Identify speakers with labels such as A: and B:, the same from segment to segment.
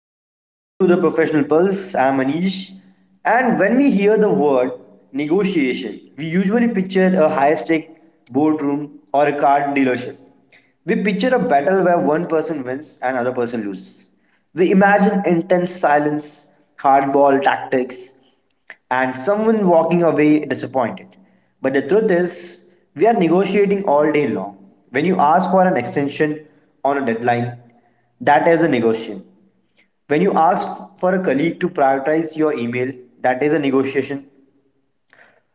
A: Hello and welcome to the Professional Pulse. I'm Anish. And when we hear the word negotiation, we usually picture a high stake boardroom or a car dealership. We picture a battle where one person wins and another person loses. We imagine intense silence, hardball tactics, and someone walking away disappointed. But the truth is, we are negotiating all day long. When you ask for an extension on a deadline, that is a negotiation. When you ask for a colleague to prioritize your email, that is a negotiation.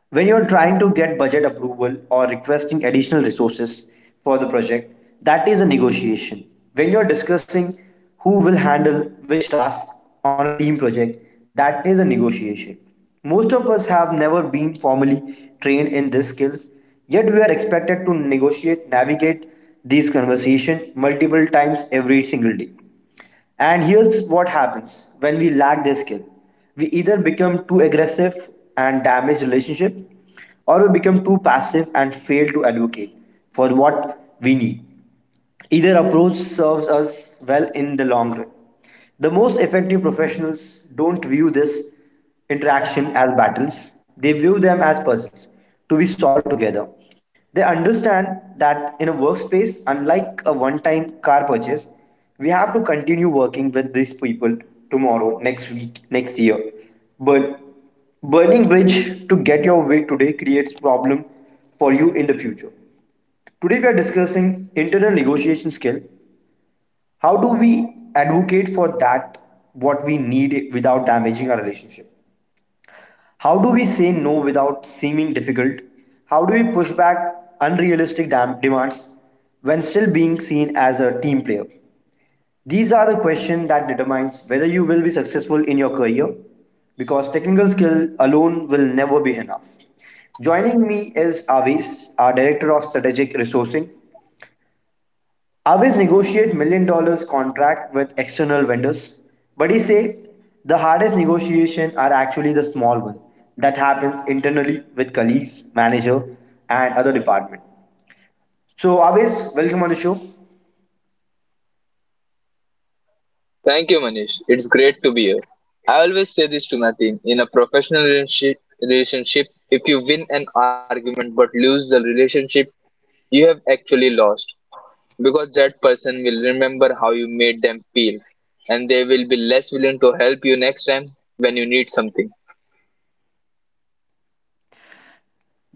A: When you're trying to get budget approval or requesting additional resources for the project, that is a negotiation. When you're discussing who will handle which tasks on a team project, that is a negotiation. Most of us have never been formally trained in these skills, yet we are expected to negotiate, navigate these conversations multiple times every single day. And here's what happens when we lack this skill, we either become too aggressive and damage relationship, or we become too passive and fail to advocate for what we need. Either approach serves us well in the long run. The most effective professionals don't view this interaction as battles, they view them as puzzles to be solved together. They understand that in a workspace, unlike a one time car purchase, we have to continue working with these people tomorrow, next week, next year. But burning bridge to get your way today creates problem for you in the future. Today we are discussing internal negotiation skill, how do we advocate for that what we need without damaging our relationship? How do we say no without seeming difficult? How do we push back unrealistic demands when still being seen as a team player? These are the questions that determines whether you will be successful in your career because technical skill alone will never be enough. Joining me is Avis, our Director of Strategic Resourcing. Always negotiate $1 million contract with external vendors. But he say the hardest negotiation are actually the small one that happens internally with colleagues, manager, and other department. So always, welcome on the show.
B: Thank you, Manish. It's great to be here. I always say this to my team in a professional relationship, if you win an argument but lose the relationship, you have actually lost because that person will remember how you made them feel and they will be less willing to help you next time when you need something.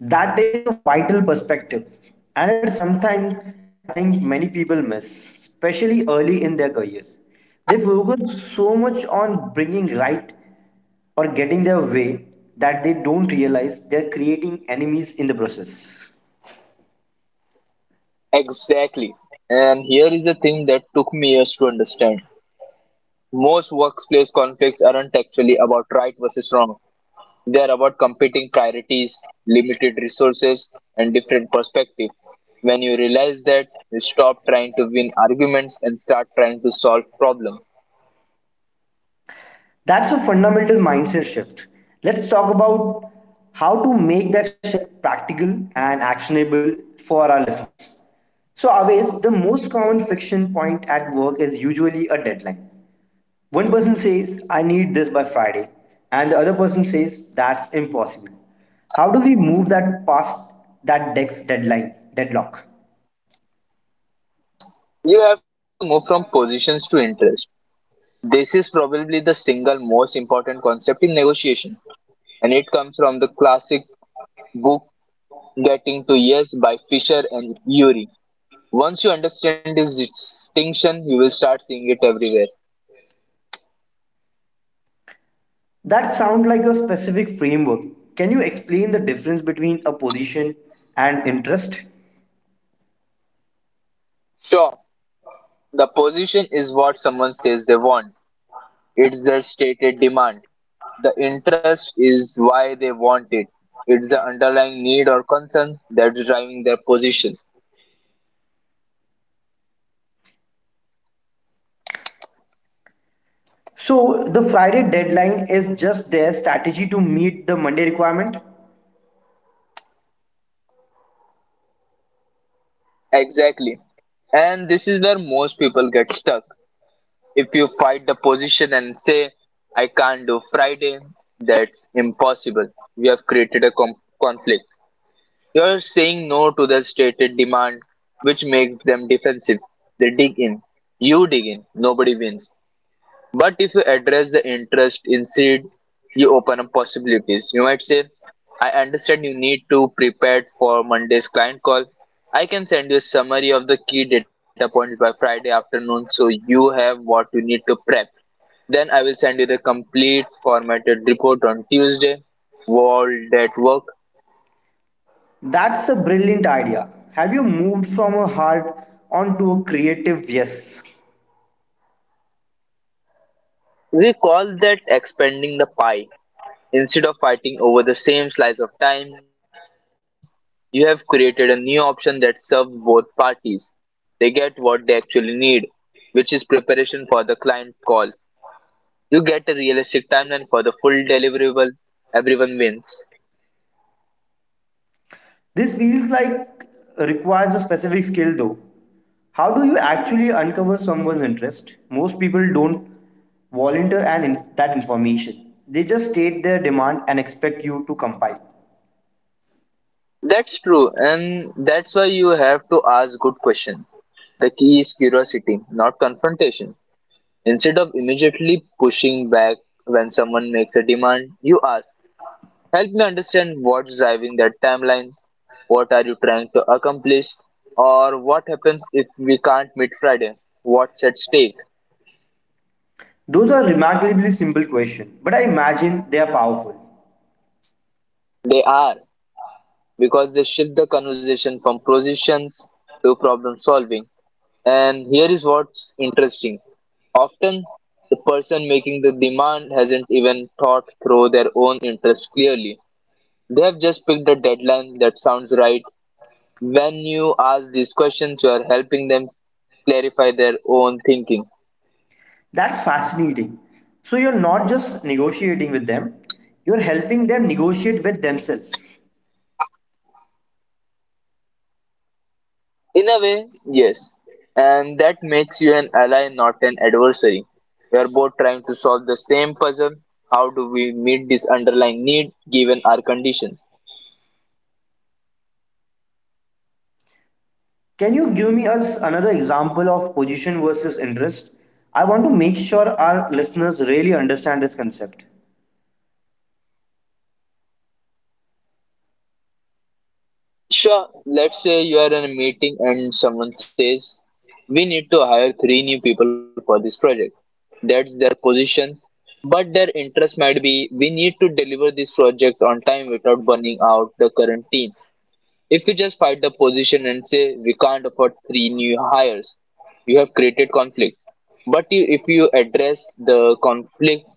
A: That is a vital perspective, and it's something I think many people miss, especially early in their careers. They focus so much on bringing right or getting their way that they don't realize they're creating enemies in the process.
B: Exactly. And here is a thing that took me years to understand. Most workplace conflicts aren't actually about right versus wrong. They are about competing priorities, limited resources, and different perspective. When you realize that, you stop trying to win arguments and start trying to solve problems.
A: That's a fundamental mindset shift. Let's talk about how to make that shift practical and actionable for our listeners. So, always, the most common friction point at work is usually a deadline. One person says, "I need this by Friday," and the other person says, "that's impossible." How do we move that past that dex deadline, deadlock?
B: You have to move from positions to interest. This is probably the single most important concept in negotiation, and it comes from the classic book Getting to Yes by Fisher and Urey. Once you understand this distinction, you will start seeing it everywhere.
A: That sounds like a specific framework. Can you explain the difference between a position and interest?
B: Sure, the position is what someone says they want. It's their stated demand. The interest is why they want it. It's the underlying need or concern that's driving their position.
A: So, the Friday deadline is just their strategy to meet the Monday requirement?
B: Exactly. And this is where most people get stuck. If you fight the position and say, "I can't do Friday, that's impossible," you have created a conflict. You're saying no to the stated demand, which makes them defensive. They dig in. You dig in. Nobody wins. But if you address the interest instead, you open up possibilities. You might say, "I understand you need to prepare for Monday's client call. I can send you a summary of the key data points by Friday afternoon so you have what you need to prep. Then I will send you the complete formatted report on Tuesday." World at work.
A: That's a brilliant idea. Have you moved from a hard onto a creative yes?
B: We call that expanding the pie. Instead of fighting over the same slice of time, you have created a new option that serves both parties. They get what they actually need, which is preparation for the client call. You get a realistic timeline for the full deliverable. Everyone wins.
A: This feels like requires a specific skill though. How do you actually uncover someone's interest? Most people don't volunteer that information. They just state their demand and expect you to compile.
B: That's true, and that's why you have to ask good questions. The key is curiosity, not confrontation. Instead of immediately pushing back when someone makes a demand, you ask, "Help me understand what's driving that timeline. What are you trying to accomplish?" Or, "What happens if we can't meet Friday? What's at stake?"
A: Those are remarkably simple questions, but I imagine they are powerful.
B: They are, because they shift the conversation from positions to problem solving. And here is what's interesting. Often, the person making the demand hasn't even thought through their own interests clearly. They have just picked a deadline that sounds right. When you ask these questions, you are helping them clarify their own thinking.
A: That's fascinating. So you're not just negotiating with them, you're helping them negotiate with themselves.
B: In a way, yes. And that makes you an ally, not an adversary. We are both trying to solve the same puzzle. How do we meet this underlying need given our conditions?
A: Can you give me us another example of position versus interest? I want to make sure our listeners really understand this concept.
B: Sure, let's say you are in a meeting and someone says, "We need to hire three new people for this project." That's their position, but their interest might be, "We need to deliver this project on time without burning out the current team." If you just fight the position and say, "We can't afford three new hires," you have created conflict. But you, if you address the conflict,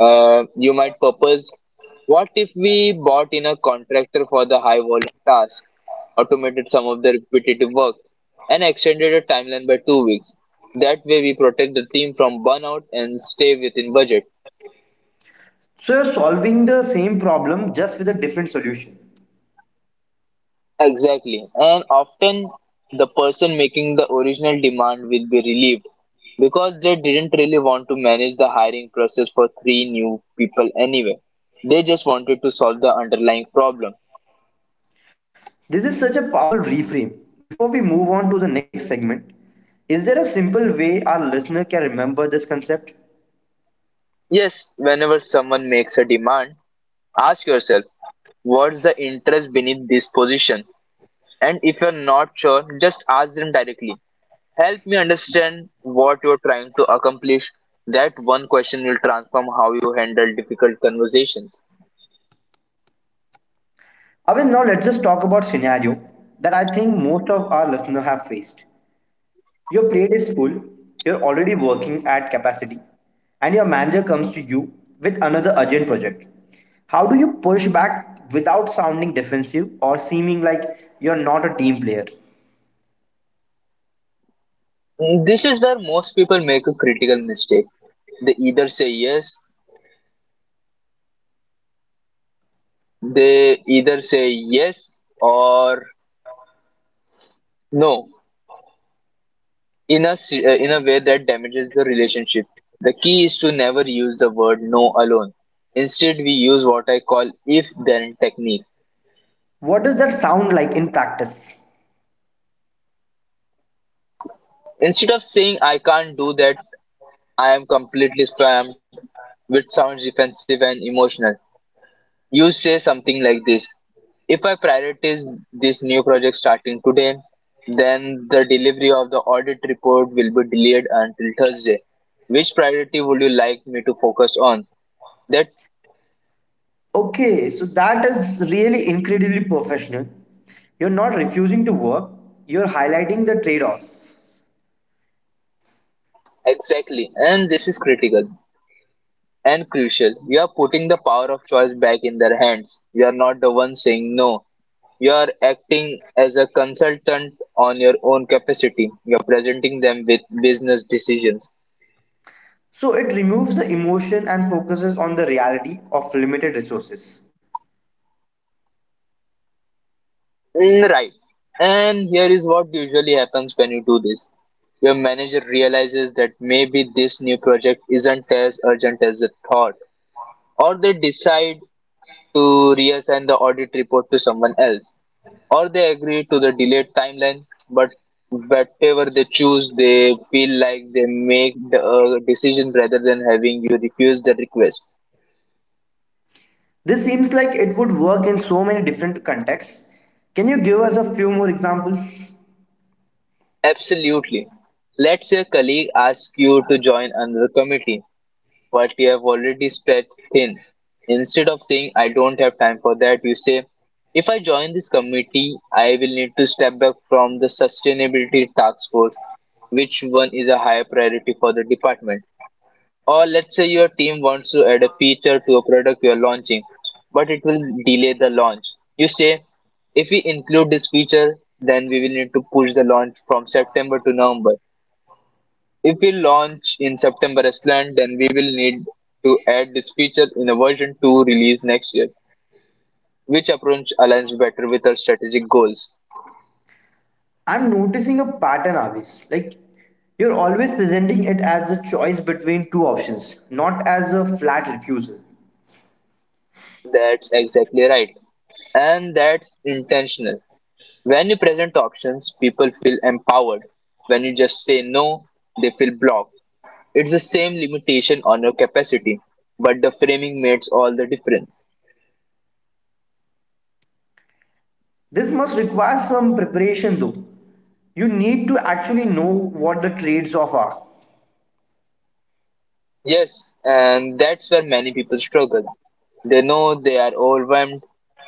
B: you might purpose, what if we bought in a contractor for the high volume task, automated some of the repetitive work, and extended a timeline by 2 weeks? That way, we protect the team from burnout and stay within budget.
A: So you're solving the same problem just with a different solution.
B: Exactly. And often, the person making the original demand will be relieved because they didn't really want to manage the hiring process for three new people anyway. They just wanted to solve the underlying problem.
A: This is such a powerful reframe. Before we move on to the next segment, is there a simple way our listener can remember this concept?
B: Yes, whenever someone makes a demand, ask yourself, what's the interest beneath this position? And if you're not sure, just ask them directly. "Help me understand what you're trying to accomplish." That one question will transform how you handle difficult conversations.
A: Avin, now let's just talk about scenario that I think most of our listeners have faced. Your plate is full, you're already working at capacity, and your manager comes to you with another urgent project. How do you push back without sounding defensive or seeming like you're not a team player?
B: This is where most people make a critical mistake. They either say yes, they either say yes or no in a in a way that damages the relationship. The key is to never use the word no alone. Instead, we use what I call if then technique.
A: What does that sound like in practice?
B: Instead of saying, "I can't do that, I am completely spammed," which sounds defensive and emotional, you say something like this: "If I prioritize this new project starting today, then the delivery of the audit report will be delayed until Thursday. Which priority would you like me to focus on?" That...
A: Okay, so that is really incredibly professional. You're not refusing to work, you're highlighting the trade off.
B: Exactly, and this is critical and crucial. You are putting the power of choice back in their hands. You are not the one saying no. You are acting as a consultant on your own capacity. You are presenting them with business decisions.
A: So it removes the emotion and focuses on the reality of limited resources.
B: Right. And here is what usually happens when you do this. Your manager realizes that maybe this new project isn't as urgent as it thought, or they decide to reassign the audit report to someone else, or they agree to the delayed timeline. But whatever they choose, they feel like they make the decision rather than having you refuse the request.
A: This seems like it would work in so many different contexts. Can you give us a few more examples?
B: Absolutely. Let's say a colleague asks you to join another committee but you have already stretched thin. Instead of saying, "I don't have time for that," you say, "If I join this committee, I will need to step back from the sustainability task force. Which one is a higher priority for the department?" Or let's say your team wants to add a feature to a product you're launching, but it will delay the launch. You say, "If we include this feature, then we will need to push the launch from September to November. If we launch in September as planned, then we will need to add this feature in a version 2 release next year. Which approach aligns better with our strategic goals?"
A: I'm noticing a pattern, Avis. Like, you're always presenting it as a choice between two options, not as a flat refusal.
B: That's exactly right. And that's intentional. When you present options, people feel empowered. When you just say no, they feel blocked. It's the same limitation on your capacity, but the framing makes all the difference.
A: This must require some preparation, though. You need to actually know what the trades off are.
B: Yes, and that's where many people struggle. They know they are overwhelmed,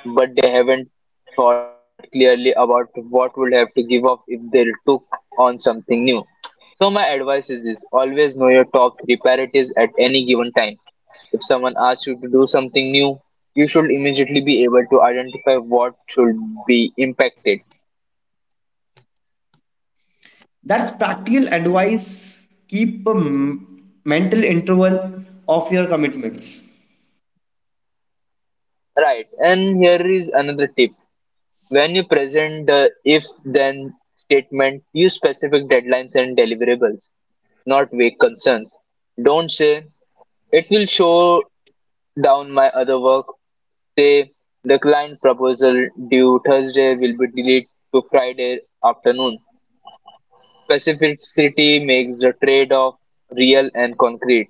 B: but they haven't thought clearly about what would have to give up if they took on something new. So my advice is this, always know your top three priorities at any given time. If someone asks you to do something new, you should immediately be able to identify what should be impacted. Right, and here is another tip. When you present the if-then statement, use specific deadlines and deliverables, not vague concerns. Don't say, "It will show down my other work." Say, "The client proposal due Thursday will be delayed to Friday afternoon." Specificity makes the trade-off real and concrete.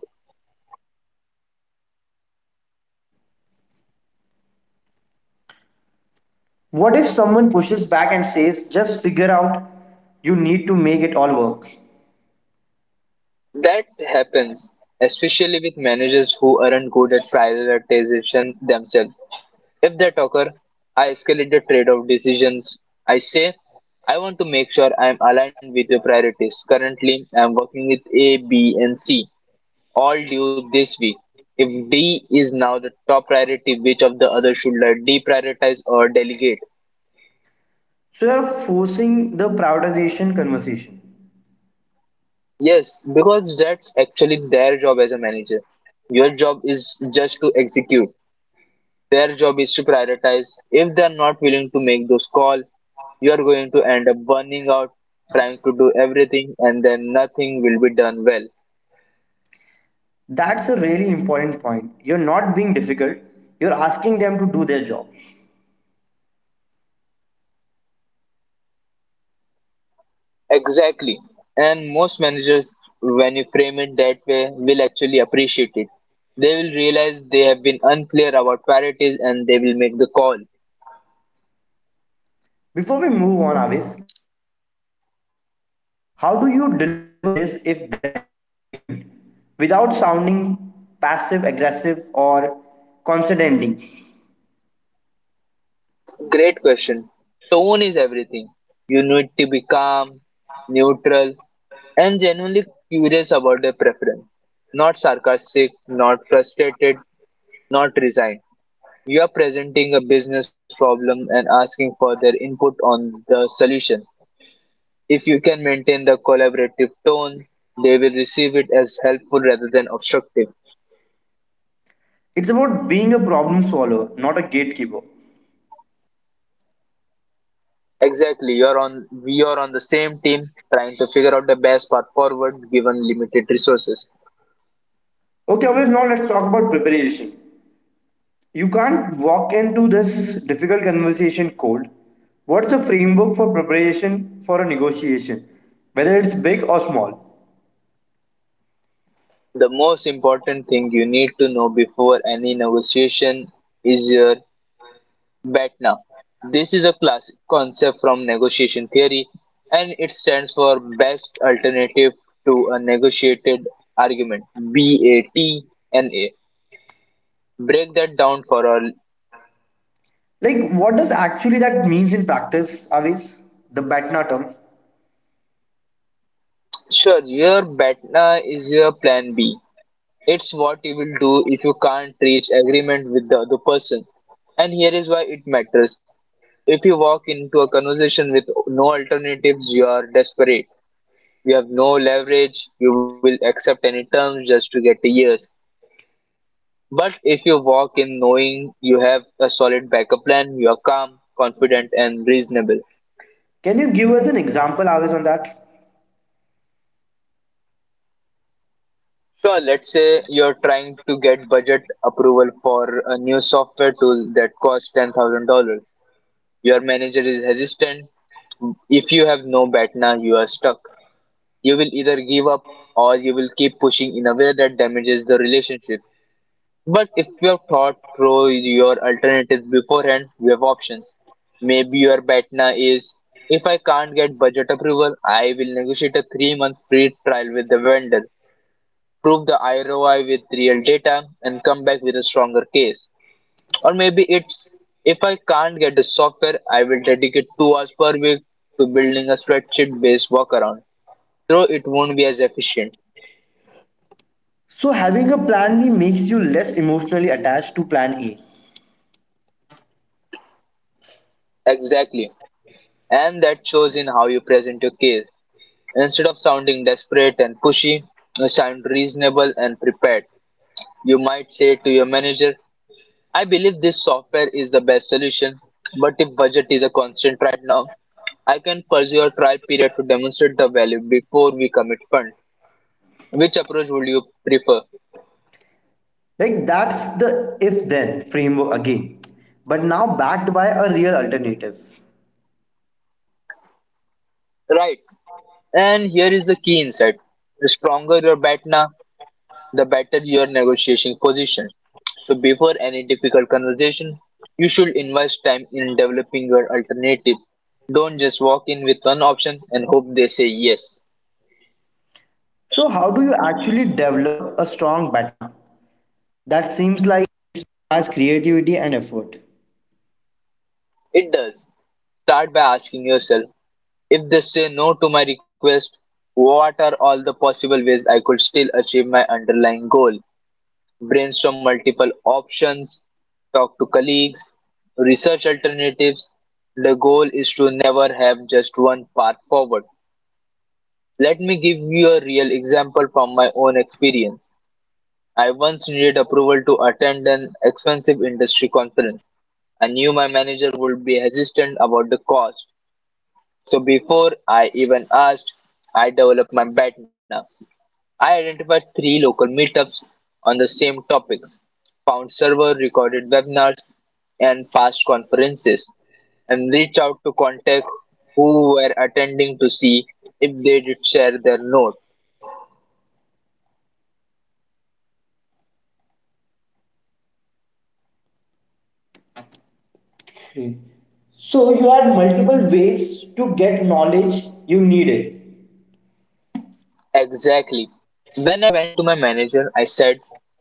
A: What if someone pushes back and says, just figure out you need to make it all work?
B: That happens, especially with managers who aren't good at prioritization themselves. If that occur, I escalate the trade-off decisions. I say, "I want to make sure I am aligned with your priorities. Currently, I am working with A, B, and C, all due this week. If D is now the top priority, which of the other should I deprioritize or delegate?"
A: So you're forcing the prioritization conversation.
B: Yes, because that's actually their job as a manager. Your job is just to execute. Their job is to prioritize. If they're not willing to make those calls, you're going to end up burning out, trying to do everything, and then nothing will be done well.
A: That's a really important point. You're not being difficult, you're asking them to do their job.
B: Exactly. And most managers, when you frame it that way, will actually appreciate it. They will realize they have been unclear about priorities and they will make the call.
A: Before we move on, Avis, let's talk about tone. How do you deliver this if then statement without sounding passive aggressive or condescending?
B: Great question. Tone is everything. You need to be calm, neutral, and genuinely curious about their preference. Not sarcastic, not frustrated, not resigned. You are presenting a business problem and asking for their input on the solution. If you can maintain the collaborative tone, they will receive it as helpful rather than obstructive.
A: It's about being a problem solver, not a gatekeeper.
B: Exactly, you're on we are on the same team trying to figure out the best path forward given limited resources.
A: Okay, Avis, now let's talk about preparation. You can't walk into this difficult conversation cold. What's the framework for preparation for a negotiation, whether it's big or small?
B: The most important thing you need to know before any negotiation is your BATNA. This is a classic concept from negotiation theory and it stands for best alternative to a negotiated argument, BATNA. Break that down for all.
A: Like, what does actually that means in practice, Avis? The BATNA term.
B: Sure, your BATNA is your plan B. It's what you will do if you can't reach agreement with the other person. And here is why it matters. If you walk into a conversation with no alternatives, you are desperate. You have no leverage, you will accept any terms just to get a yes. But if you walk in knowing you have a solid backup plan, you are calm, confident, and reasonable.
A: Can you give us an example, Avis, on that?
B: Sure, let's say you're trying to get budget approval for a new software tool that costs $10,000. Your manager is hesitant. If you have no BATNA, you are stuck. You will either give up or you will keep pushing in a way that damages the relationship. But if you have thought through your alternatives beforehand, you have options. Maybe your BATNA is, if I can't get budget approval, I will negotiate a 3 month free trial with the vendor, prove the ROI with real data, and come back with a stronger case. Or maybe it's, if I can't get the software, I will dedicate 2 hours per week to building a spreadsheet based workaround, though it won't be as efficient.
A: So, having a plan B makes you less emotionally attached to plan A.
B: Exactly. And that shows in how you present your case. Instead of sounding desperate and pushy, you sound reasonable and prepared. You might say to your manager, I believe this software is the best solution, but if budget is a constant right now, I can pursue a trial period to demonstrate the value before we commit fund. Which approach would you prefer?
A: Like, that's the if then framework again, but now backed by a real alternative.
B: Right. And here is the key insight. The stronger your BATNA, the better your negotiation position. So before any difficult conversation, you should invest time in developing your alternative. Don't just walk in with one option and hope they say yes.
A: So, how do you actually develop a strong BATNA? That seems.
B: It does. Start by asking yourself, if they say no to my request, what are all the possible ways I could still achieve my underlying goal? Brainstorm multiple options, talk to colleagues, research alternatives. The goal is to never have just one path forward. Let me give you a real example from my own experience. I once needed approval to attend an expensive industry conference. I knew my manager would be hesitant about the cost. So before I even asked, I developed my BATNA. I identified three local meetups on the same topics, found server recorded webinars and past conferences, and reached out to contact who were attending to see if they did share their notes.
A: Okay. So you had multiple ways to get knowledge you needed.
B: Exactly. When I went to my manager, I said,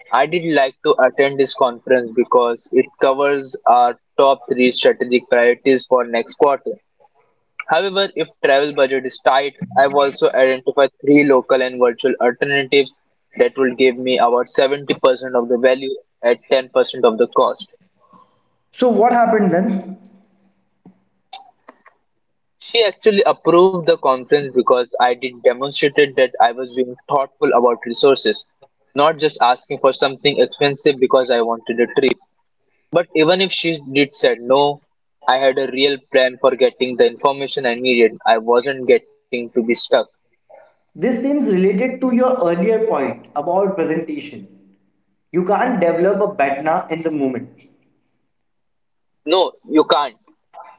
B: I did like to attend this conference because it covers our top three strategic priorities for next quarter. However, if travel budget is tight, I've also identified three local and virtual alternatives that will give me about 70% of the value at 10% of the cost.
A: So what happened then?
B: She actually approved the conference because I did demonstrated that I was being thoughtful about resources, not just asking for something expensive because I wanted a trip. But even if she did said no, I had a real plan for getting the information I needed. I wasn't getting to be stuck.
A: This seems related to your earlier point about presentation. You can't develop a BATNA in the moment.
B: No, you can't.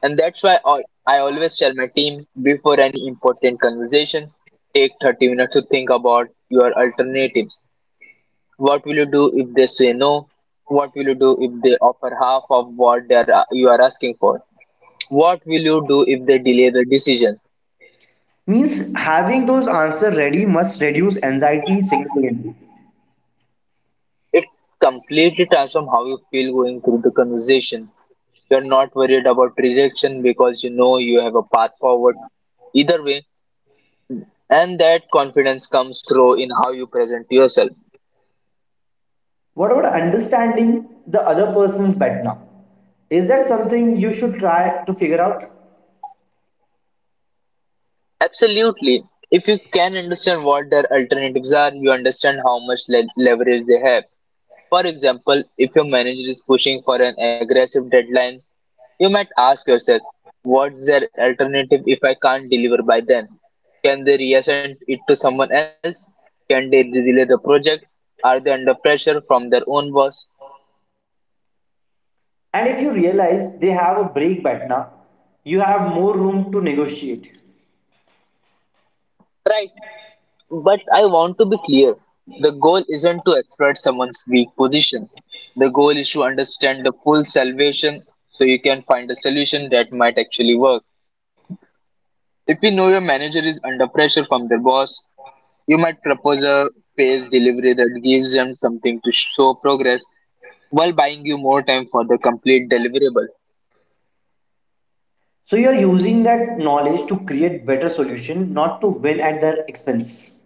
B: And that's why I always tell my team, before any important conversation, take 30 minutes to think about your alternatives. What will you do if they say no? What will you do if they offer half of what they are, you are asking for? What will you do if they delay the decision?
A: Means having those answers ready must reduce anxiety significantly.
B: It completely transforms how you feel going through the conversation. You're not worried about rejection because you know you have a path forward either way, and that confidence comes through in how you present yourself.
A: What about understanding the other person's BATNA? Is that something you should try to figure out?
B: Absolutely. If you can understand what their alternatives are, you understand how much leverage they have. For example, if your manager is pushing for an aggressive deadline, you might ask yourself, what's their alternative if I can't deliver by then? Can they reassign it to someone else? Can they delay the project? Are they under pressure from their own boss?
A: And if you realize they have a break BATNA, you have more room to negotiate.
B: Right. But I want to be clear. The goal isn't to exploit someone's weak position. The goal is to understand the full salvation so you can find a solution that might actually work. If you know your manager is under pressure from their boss, you might propose a phased delivery that gives them something to show progress while buying you more time for the complete deliverable.
A: So you are using that knowledge to create better solution, not to win at their expense.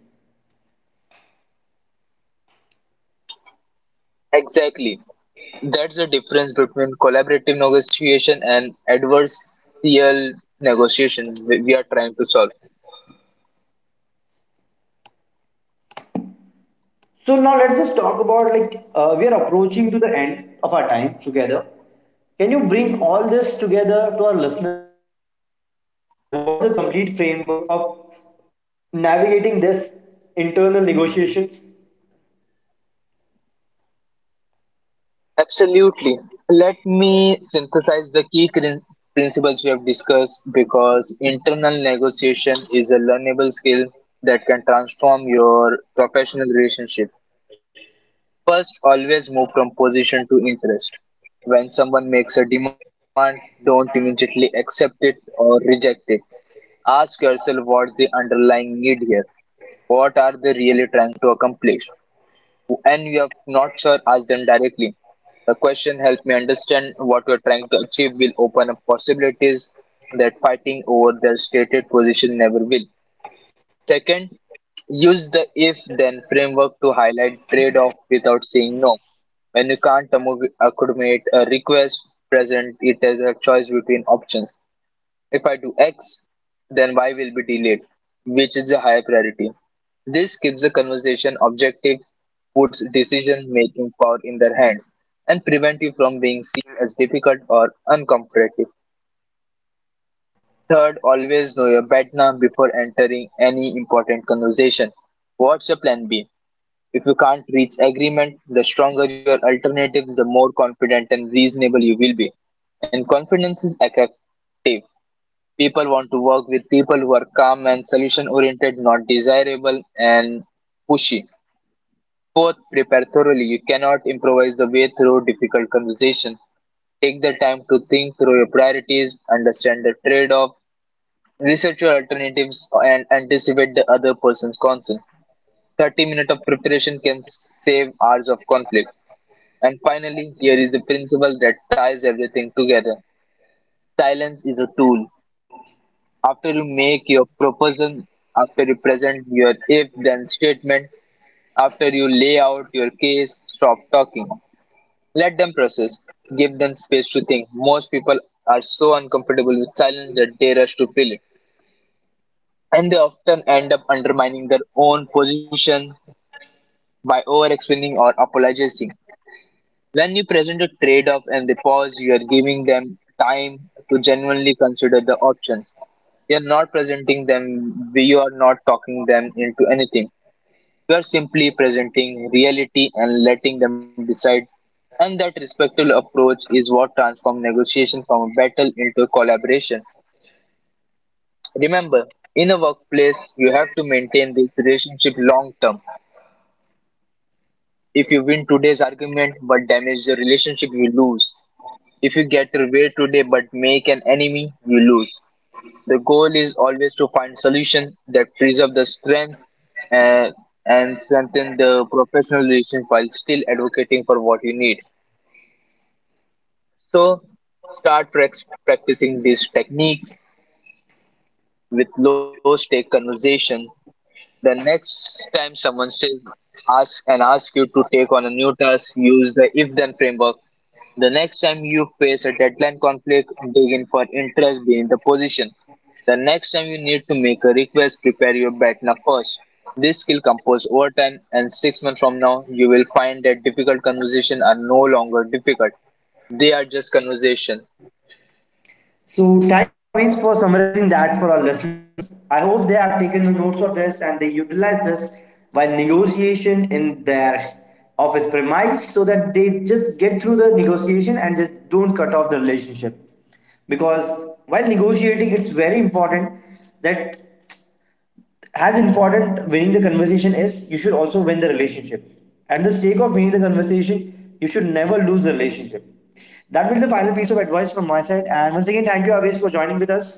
B: Exactly. That's the difference between collaborative negotiation and adversarial negotiation we are trying to solve.
A: So now let's just talk about like we are approaching to the end of our time together. Can you bring all this together to our listeners? Uh, like, what's the complete framework of navigating this internal negotiations?
B: Absolutely. Let me synthesize the key principles we have discussed, because internal negotiation is a learnable skill that can transform your professional relationship. First, always move from position to interest. When someone makes a demand, don't immediately accept it or reject it. Ask yourself, what's the underlying need here? What are they really trying to accomplish? And you have not sure, ask them directly. The question, help me understand what we're trying to achieve, will open up possibilities that fighting over their stated position never will. Second, use the if then framework to highlight trade off without saying no. When you can't accommodate a request, present it as a choice between options. If I do X, then Y will be delayed, which is the higher priority. This keeps the conversation objective, puts decision making power in their hands, and prevent you from being seen as difficult or uncooperative. Third, always know your BATNA before entering any important conversation. What's your plan B? If you can't reach agreement, the stronger your alternative, the more confident and reasonable you will be. And confidence is attractive. People want to work with people who are calm and solution oriented, not desirable and pushy. Fourth, prepare thoroughly. You cannot improvise the way through difficult conversation. Take the time to think through your priorities, understand the trade off, research your alternatives, and anticipate the other person's concern. 30 minutes of preparation can save hours of conflict. And finally, here is the principle that ties everything together: silence is a tool. After you make your proposal, after you present your if then statement, after you lay out your case, stop talking. Let them process. Give them space to think. Most people are so uncomfortable with silence that they rush to fill it. And they often end up undermining their own position by over explaining or apologizing. When you present a trade off and they pause, you are giving them time to genuinely consider the options. You're not presenting them, you are not talking them into anything. You are simply presenting reality and letting them decide. And that respectful approach is what transforms negotiation from a battle into a collaboration. Remember, in a workplace, you have to maintain this relationship long term. If you win today's argument but damage the relationship, you lose. If you get rewarded today but make an enemy, you lose. The goal is always to find solutions that preserve the strength and, and strengthen the professional relation while still advocating for what you need. So start practicing these techniques with low stake conversation. The next time someone says ask and asks you to take on a new task, use the if then framework. The next time you face a deadline conflict, dig in for interest being the position. The next time you need to make a request, prepare your BATNA first. This skill compose over time, and 6 months from now you will find that difficult conversations are no longer difficult. They are just conversation.
A: So thank you always for summarizing that for our listeners. I hope they have taken the notes of this and they utilize this while negotiation in their office premise so that they just get through the negotiation and just don't cut off the relationship. Because while negotiating, it's very important that as important winning the conversation is, you should also win the relationship. At the stake of winning the conversation you should never lose the relationship. That will be the final piece of advice from my side, and once again thank you, Avish, for joining with us.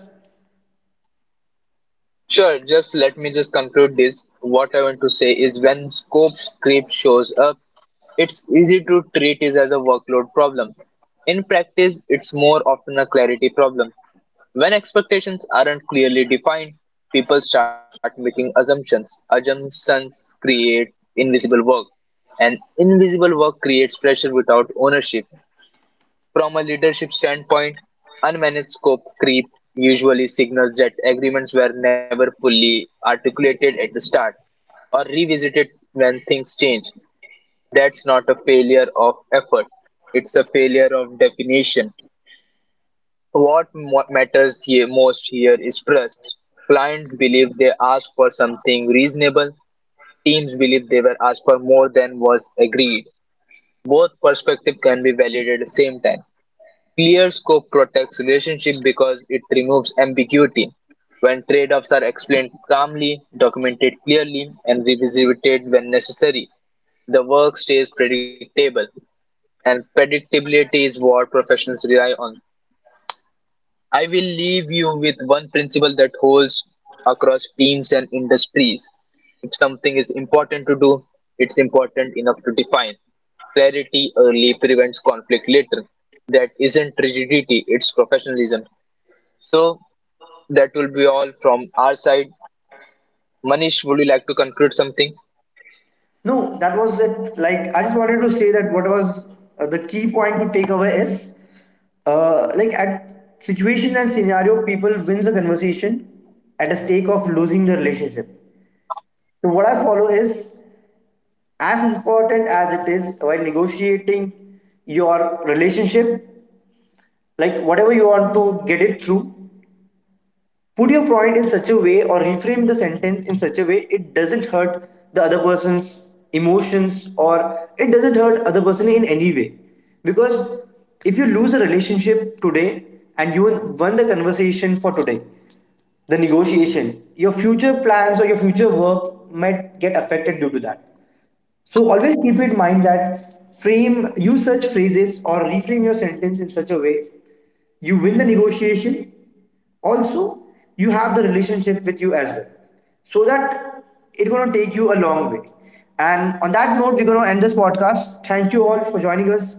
B: Sure, just let me just conclude this. What I want to say is, when scope creep shows up, it's easy to treat it as a workload problem. In practice, it's more often a clarity problem. When expectations aren't clearly defined, people start making assumptions. Assumptions create invisible work, and invisible work creates pressure without ownership. From a leadership standpoint, unmanaged scope creep usually signals that agreements were never fully articulated at the start or revisited when things change. That's not a failure of effort, it's a failure of definition. What matters here most here is trust. Clients believe they asked for something reasonable, teams believe they were asked for more than was agreed. Both perspectives can be valid at the same time. Clear scope protects relationships because it removes ambiguity. When trade-offs are explained calmly, documented clearly, and revisited when necessary, the work stays predictable. And predictability is what professionals rely on. I will leave you with one principle that holds across teams and industries. If something is important to do, it's important enough to define. Clarity early prevents conflict later. That isn't rigidity, it's professionalism. So, that will be all from our side. Manish, would you like to conclude something?
A: No, that was it. Like, I just wanted to say that what was the key point to take away is, like, at situation and scenario people wins the conversation at a stake of losing the relationship. So what I follow is, as important as it is while negotiating your relationship, like whatever you want to get it through, put your point in such a way or reframe the sentence in such a way it doesn't hurt the other person's emotions or it doesn't hurt other person in any way. Because if you lose a relationship today and you won the conversation for today, the negotiation, your future plans or your future work might get affected due to that. So always keep in mind that frame, use such phrases or reframe your sentence in such a way you win the negotiation. Also, you have the relationship with you as well. So that, it's gonna take you a long way. And on that note, we're gonna end this podcast. Thank you all for joining us.